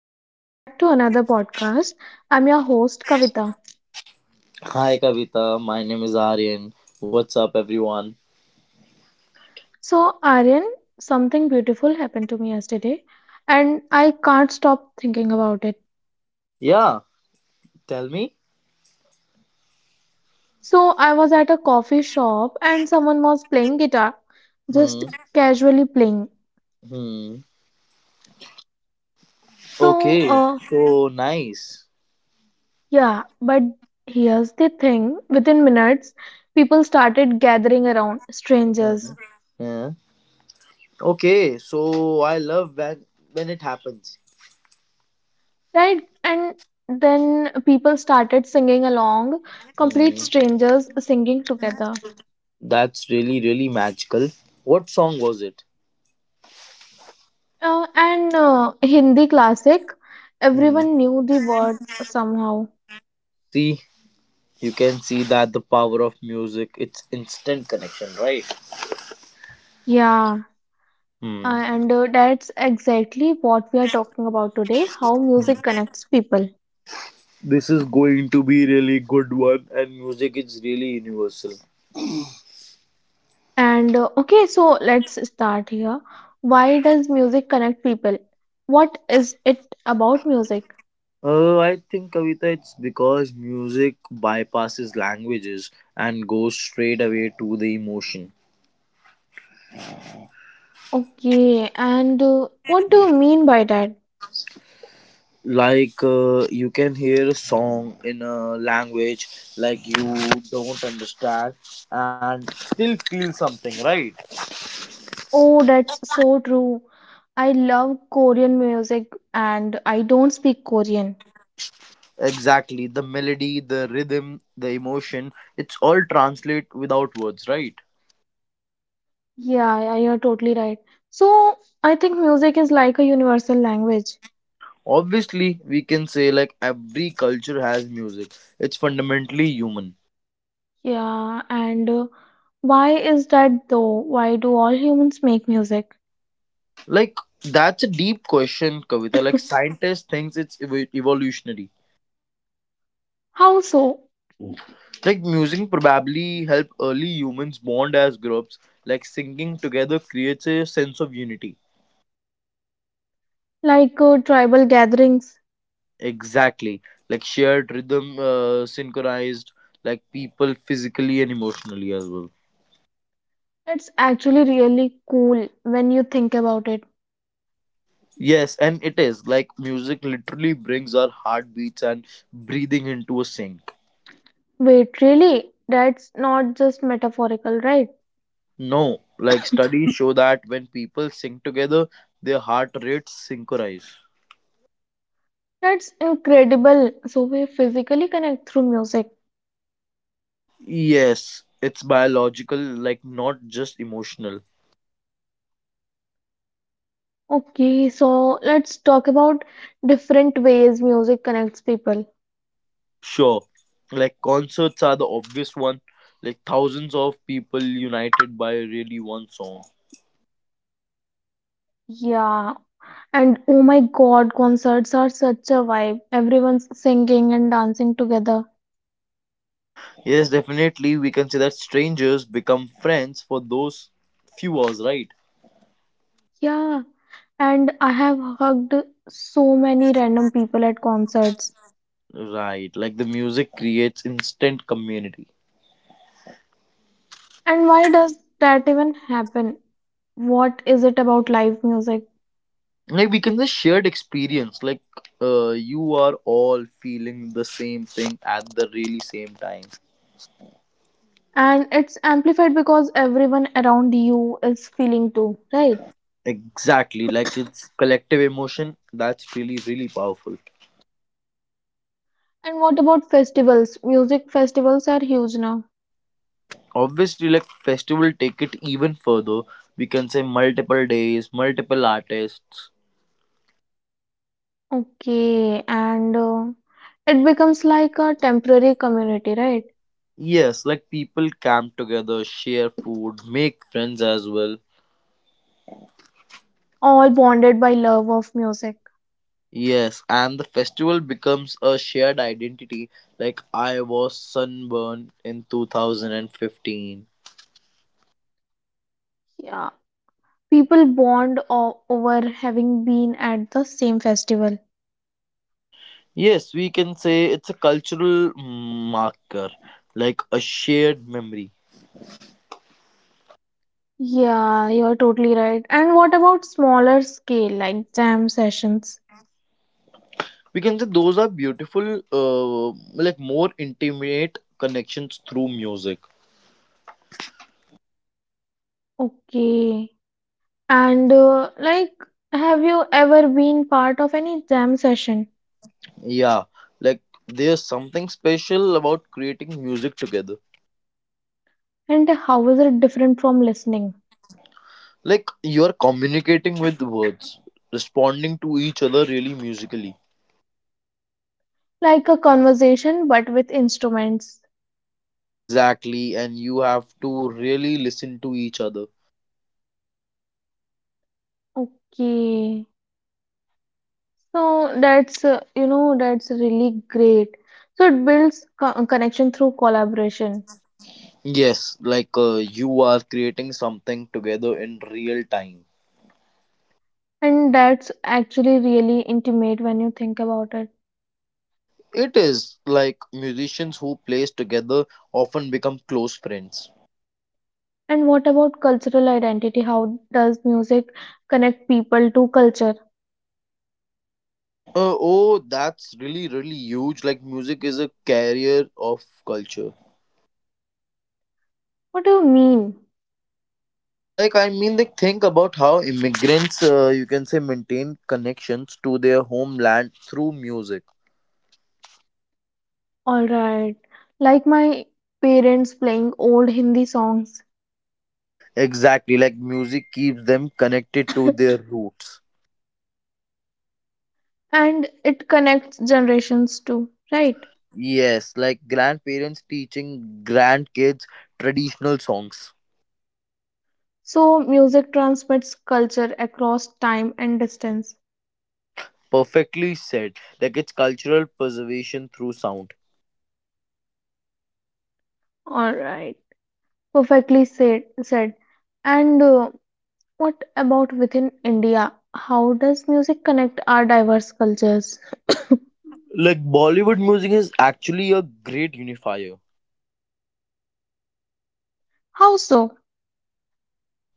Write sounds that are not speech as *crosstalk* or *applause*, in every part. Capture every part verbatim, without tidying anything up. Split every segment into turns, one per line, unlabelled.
Welcome back to another podcast. I'm your host Kavita.
Hi Kavita, my name is Aryan. What's up everyone?
So, Aryan, something beautiful happened to me yesterday and I can't stop thinking about it.
Yeah, tell me.
So, I was at a coffee shop and someone was playing guitar, just
Hmm.
casually playing.
Hmm.
So,
Okay.
uh,
So nice.
yeah, but here's the thing, within minutes, people started gathering around,
Hmm.
strangers.
Yeah. Okay. So I love when when it happens.
Right, and then people started singing along, complete
Hmm.
strangers singing together.
That's really really magical. What song was it?
Uh, and uh, Hindi classic,
Hmm.
everyone knew the words somehow.
See, you can see that the power of music. It's instant connection, right?
Yeah, uh,
Hmm.
and uh, that's exactly what we are talking about today, how music
Hmm.
connects people.
This is going to be really good one, and music is really universal.
And uh, Okay, so let's start here. Why does music connect people? What is it about music?
Uh, I think Kavita, it's because music bypasses languages and goes straight away to the emotion.
Okay, and uh, what do you mean by that?
Like uh, you can hear a song in a language like you don't understand and still feel something, right?
Oh, that's so true. I love Korean music and I don't speak Korean.
Exactly. The melody, the rhythm, the emotion, it's all translate without words, right?
Yeah, yeah, you're totally right. So I think music is like a universal language.
Obviously, we can say like every culture has music. It's fundamentally human.
Yeah, and uh, why is that though? Why do all humans make music?
Like that's a deep question, Kavita. Like
*laughs*
scientists thinks it's evo- evolutionary.
How so?
Like music probably helped early humans bond as groups. Like singing together creates a sense of unity.
Like uh, tribal gatherings.
Exactly. Like shared rhythm, uh, synchronized. Like people physically and emotionally as well.
It's actually really cool when you think about it.
Yes, and it is like music literally brings our heartbeats and breathing into a sync.
Wait, really? That's not just metaphorical, right?
No, like studies show that when people sing together, their heart rates synchronize.
That's incredible. So we physically connect through music.
Yes, it's biological, like not just emotional.
Okay, so let's talk about different ways music connects people.
Sure, like concerts are the obvious one, like thousands of people united by really one song.
Yeah, and oh my God, concerts are such a vibe. Everyone's singing and dancing together.
Yes, definitely, we can say that strangers become friends for those few hours, right?
Yeah, and I have hugged so many random people at concerts.
Right, like the music creates instant community.
And why does that even happen? What is it about live music?
Like we can just shared experience, like uh, you are all feeling the same thing at the really same time.
And it's amplified because everyone around you is feeling too, right?
Exactly, like it's collective emotion that's really, really powerful.
And what about festivals? Music festivals are huge now.
Obviously, like festival take it even further. We can say multiple days, multiple artists.
Okay, and uh, it becomes like a temporary community, right?
Yes, like people camp together, share food, make friends as well.
All bonded by love of music.
Yes, and the festival becomes a shared identity. Like I was sunburned in two thousand fifteen.
Yeah, people bond o- over having been at the same festival.
Yes, we can say it's a cultural marker, like a shared memory.
Yeah, you're totally right. And what about smaller scale, like jam sessions?
We can say those are beautiful uh, like more intimate connections through music.
Okay, and uh, like, have you ever been part of any jam session?
Yeah, like there's something special about creating music together.
And how is it different from listening?
Like you are communicating with words, responding to each other really musically.
Like a conversation, but with instruments.
Exactly, and you have to really listen to each other.
Okay. So that's, uh, you know, that's really great. So it builds co- connection through collaboration.
Yes like uh, you are creating something together in real time.
And that's actually really intimate when you think about it.
It is like musicians who plays together often become close friends.
And what about cultural identity? How does music connect people to culture?
Uh, oh, that's really, really huge. Like, music is a carrier of culture.
What do you mean?
Like, I mean, like, think about how immigrants, uh, you can say, maintain connections to their homeland through music.
All right. Like my parents playing old Hindi songs.
Exactly. Like, music keeps them connected to their roots.
And it connects generations too, right?
Yes, like grandparents teaching grandkids traditional songs.
So, music transmits culture across time and distance.
Perfectly said. Like, it's cultural preservation through sound.
All right, perfectly said. said. And uh, what about within India? How does music connect our diverse cultures?
Like, Bollywood music is actually a great unifier.
How so?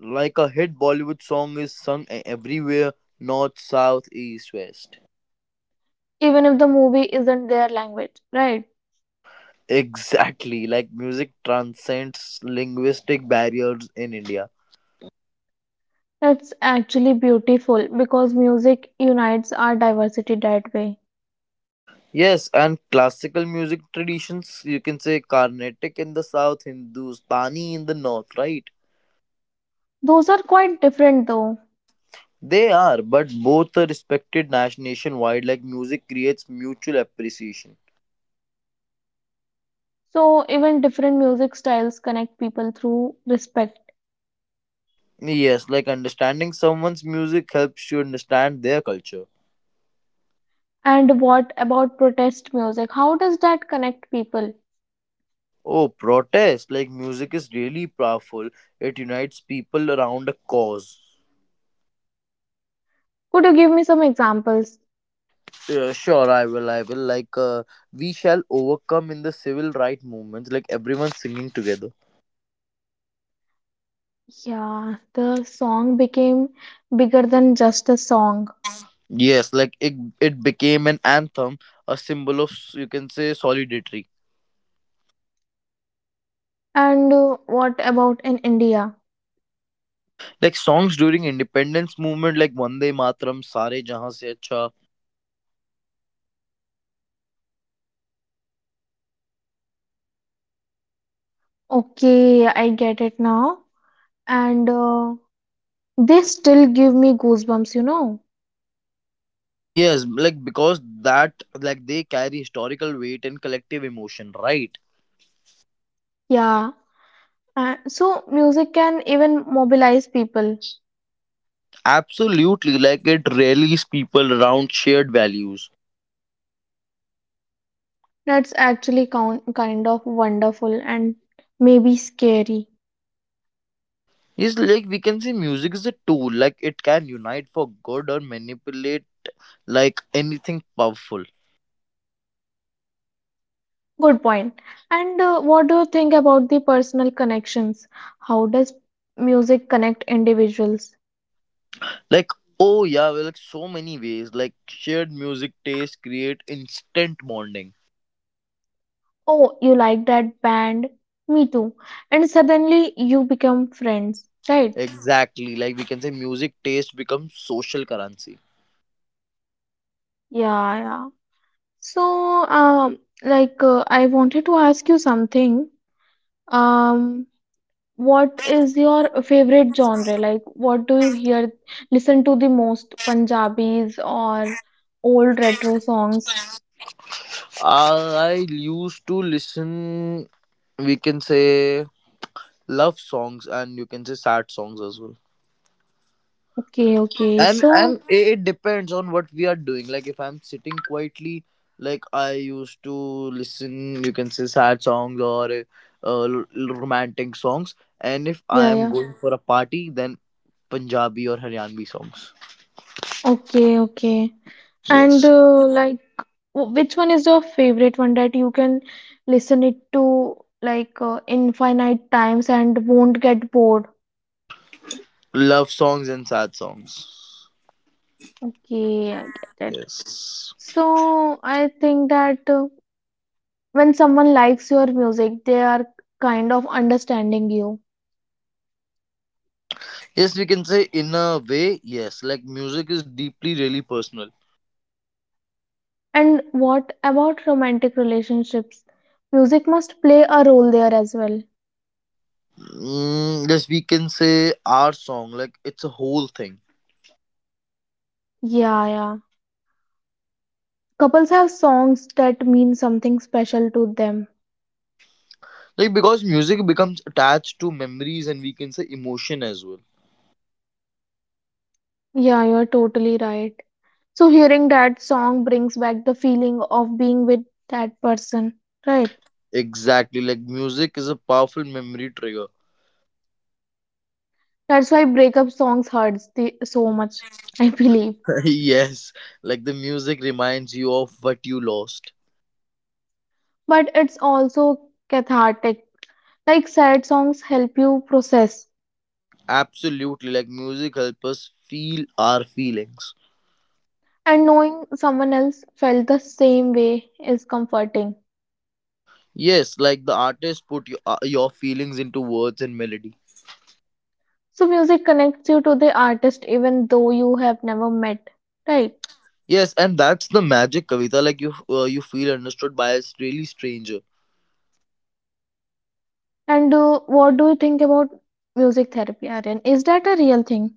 Like a hit Bollywood song is sung e- everywhere, north, south, east, west.
Even if the movie isn't their language, right?
Exactly, like music transcends linguistic barriers in India.
That's actually beautiful because music unites our diversity that way.
Yes, and classical music traditions, you can say Carnatic in the south, Hindustani in the north, right?
Those are quite different though.
They are, but both are respected nas- nationwide, like music creates mutual appreciation.
So, even different music styles connect people through respect.
Yes, like understanding someone's music helps you understand their culture.
And what about protest music? How does that connect people?
Oh, protest! Like music is really powerful. It unites people around a cause.
Could you give me some examples?
Yeah, sure, I will. I will. Like, uh, we shall overcome in the civil right movements. Like everyone singing together.
Yeah, the song became bigger than just a song.
Yes, like it. It became an anthem, a symbol of you can say solidarity.
And uh, what about in India?
Like songs during independence movement, like Vande Matram." Sare Jahan Se Acha.
Okay, I get it now. And uh, they still give me goosebumps, you know?
Yes, like because that like they carry historical weight and collective emotion, right?
Yeah. Uh, so music can even mobilize people.
Absolutely, like it rallies people around shared values.
That's actually count, kind of wonderful and maybe scary.
Yes, like we can say music is a tool, like it can unite for good or manipulate like anything powerful.
Good point. And uh, what do you think about the personal connections? How does music connect individuals?
Like, oh yeah, well, like so many ways, like shared music taste create instant bonding.
Oh, you like that band? Me too. And suddenly you become friends, right?
Exactly, like we can say music taste becomes social currency.
Yeah, yeah. So, um, like, uh, I wanted to ask you something. Um, what is your favorite genre? Like, what do you hear, listen to the most? Punjabis or old retro songs?
I used to listen, we can say, love songs and you can say sad songs as well.
Okay, okay.
and
So,
and it it depends on what we are doing. Like if I'm sitting quietly, like I used to listen you can say sad songs or uh, l- l- romantic songs, and if I
yeah,
am
yeah.
going for a party then punjabi or haryanvi songs.
Okay, okay. And
Yes,
uh, like, wh- which one is your favorite one that you can listen it to like uh, infinite times and won't get bored?
love songs and sad songs.
Okay, I get it.
Yes,
So I think that uh, when someone likes your music, they are kind of understanding you.
yes, we can say in a way, yes, like music is deeply really personal.
And what about romantic relationships? Music must play a role there as well.
Mm, yes, we can say our song, like it's a whole thing.
Yeah, yeah. Couples have songs that mean something special to them.
Like because music becomes attached to memories and we can say emotion as well.
Yeah, you're totally right. So hearing that song brings back the feeling of being with that person, right?
Exactly, like music is a powerful memory trigger.
That's why breakup songs hurts the, so much, *laughs* I believe.
*laughs* Yes, like the music reminds you of what you lost.
But it's also cathartic. Like sad songs help you process,
Absolutely, like music helps us feel our feelings.
and knowing someone else felt the same way is comforting.
Yes, like the artist put your, uh, your feelings into words and melody.
So, music connects you to the artist even though you have never met, right?
Yes, and that's the magic, Kavita. Like you, uh, you feel understood by a really stranger.
And uh, what do you think about music therapy, Aryan? Is that a real thing?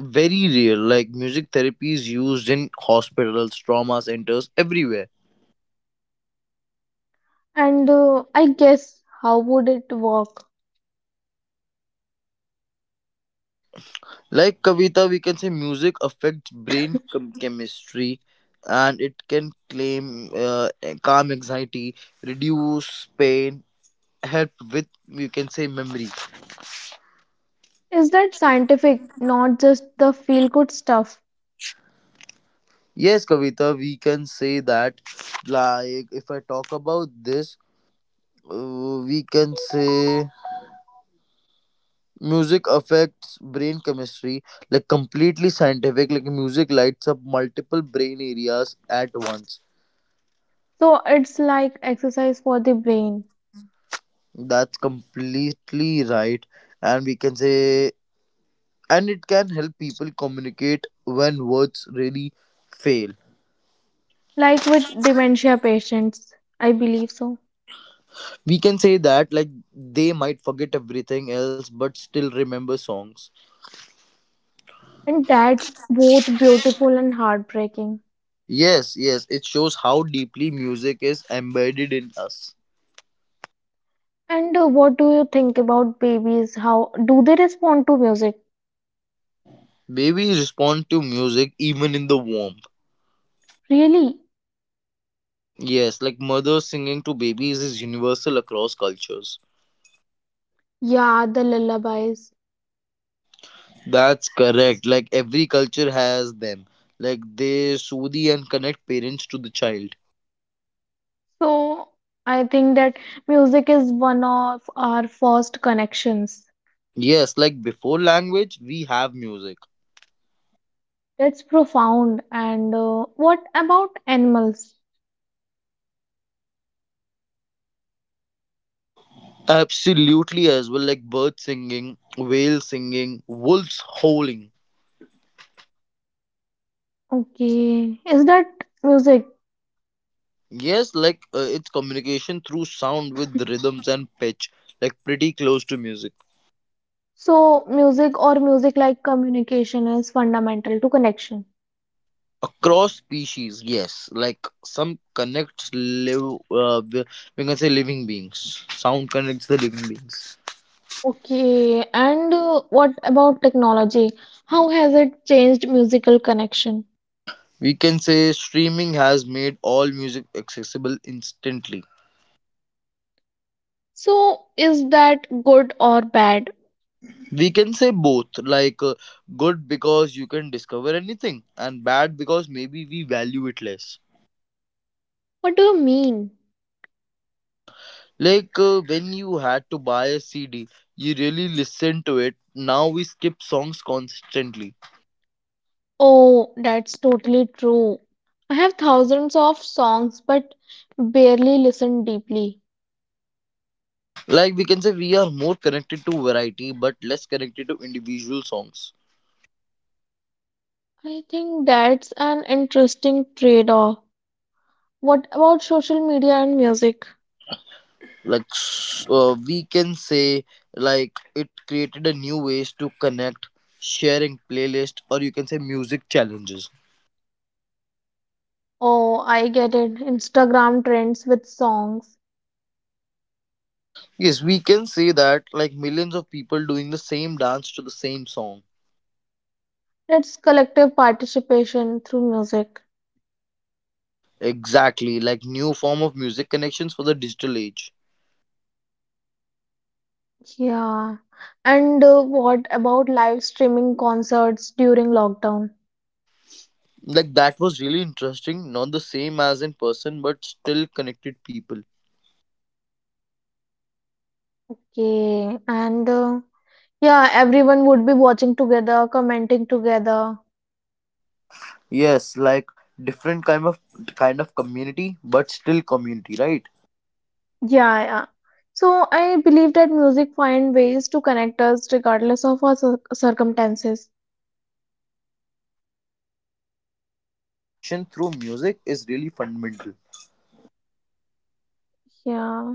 Very real. Like music therapy is used in hospitals, trauma centers, everywhere.
And uh, I guess how would it work?
Like Kavita, we can say music affects brain chem- chemistry, and it can claim uh, calm anxiety, reduce pain, help with, we can say, memory.
Is that scientific, not just the feel good stuff?
Yes, Kavita, we can say that. Like, if I talk about this, uh, we can say music affects brain chemistry, like completely scientific. Like, music lights up multiple brain areas at once.
So, it's like exercise for the brain.
That's completely right. And we can say, and it can help people communicate when words really fail.
Like with dementia patients, I believe so.
We can say that, like, they might forget everything else but still remember songs.
And that's both beautiful and heartbreaking.
Yes, yes, it shows how deeply music is embedded in us.
And uh, what do you think about babies, how do they respond to music?
Babies respond to music even in the womb.
Really?
Yes, like mothers singing to babies is universal across cultures.
Yeah, the lullabies.
That's correct. Like every culture has them. Like they soothe and connect parents to the child.
So I think that music is one of our first connections.
Yes, like before language, we have music.
That's profound. And uh, what about animals?
Absolutely, as well, like birds singing, whales singing, wolves howling.
Okay, is that music?
Yes, like uh, it's communication through sound with rhythms and pitch, like pretty close to music.
So music, or music like communication, is fundamental to connection.
Across species, yes, like some connects live, uh, we we can say living beings. Sound connects the living beings.
Okay, and uh, what about technology? How has it changed musical connection?
We can say streaming has made all music accessible instantly.
So, is that good or bad?
We can say both, like uh, good because you can discover anything, and bad because maybe we value it less.
What do you mean?
Like uh, when you had to buy a C D, you really listened to it. Now we skip songs constantly.
Oh, that's totally true. I have thousands of songs but barely listen deeply.
Like we can say we are more connected to variety but less connected to individual songs.
I think that's an interesting trade-off. What about social media and music?
like s- uh, we can say like it created a new ways to connect, sharing playlist or you can say music challenges.
Oh, I get it. Instagram trends with songs.
Yes, we can say that, like millions of people doing the same dance to the same song.
It's collective participation through music.
Exactly, like new form of music connections for the digital age.
Yeah. And uh, what about live streaming concerts during lockdown?
Like that was really interesting, not the same as in person but still connected people.
Okay. And uh, yeah, everyone would be watching together, commenting together.
Yes like different kind of kind of community, but still community, right?
Yeah, yeah. So I believe that music find ways to connect us regardless of our cir- circumstances.
Yes, like it adapts, like because the human need for connection through music is really fundamental.
Yeah.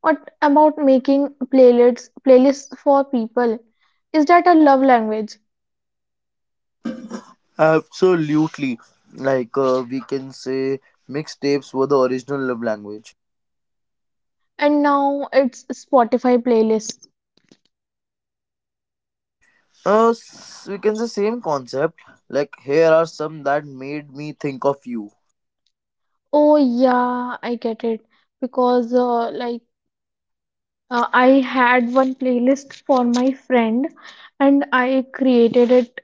What about making playlists playlists for people? Is that a love language?
Absolutely. Like uh, we can say mixtapes were the original love language.
And now it's Spotify playlist.
Uh, s- we can say same concept. Like here are some that made me think of you.
Oh yeah, I get it because uh, like, uh, I had one playlist for my friend and I created it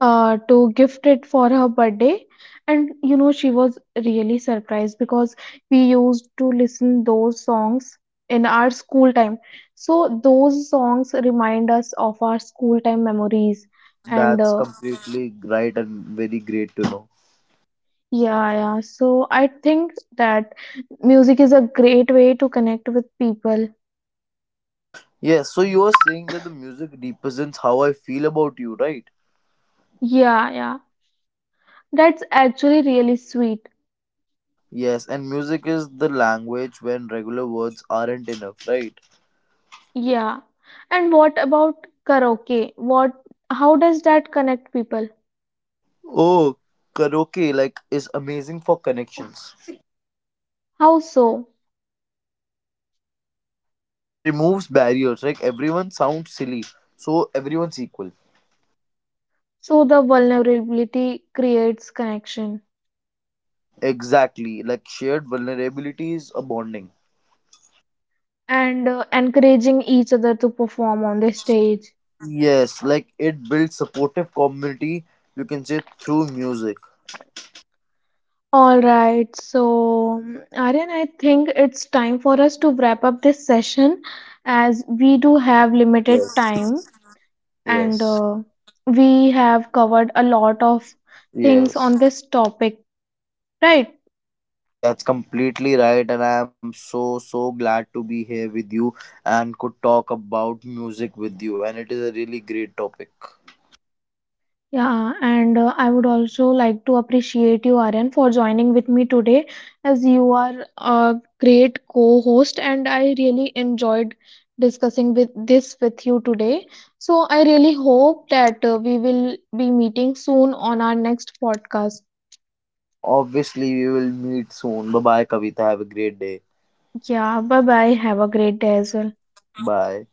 uh, to gift it for her birthday, and you know she was really surprised because we used to listen those songs in our school time. So those songs remind us of our school time memories. And
That's
uh,
completely right and very great to know.
yeah, yeah, so I think that music is a great way to connect with people.
Yes, so you are saying that the music represents how I feel about you, right?
Yeah, yeah. That's actually really sweet.
Yes, and music is the language when regular words aren't enough, right?
Yeah. And what about karaoke? What, how does that connect people?
Oh, karaoke like is amazing for connections.
How so?
Like it removes barriers. Like everyone sounds silly, so everyone's equal.
So the vulnerability creates connection.
Exactly. Like shared vulnerabilities are bonding.
And uh, encouraging each other to perform on the stage.
Yes, like it builds supportive community. You can say through music.
All right. So, mm, Aryan, I think it's time for us to wrap up this session as we do have limited
Yes.
time. And
Yes.
uh, we have covered a lot of things
Yes.
on this topic, right?
That's completely right, and I am so so glad to be here with you and could talk about music with you. And it is a really great topic.
Yeah, and uh, I would also like to appreciate you, Aryan, for joining with me today, as you are a great co-host, and I really enjoyed discussing with this with you today. So I really hope that uh, we will be meeting soon on our next podcast.
Obviously, we will meet soon. Bye bye, Kavita. Have a great day.
Yeah, bye bye. Have a great day as well.
Bye.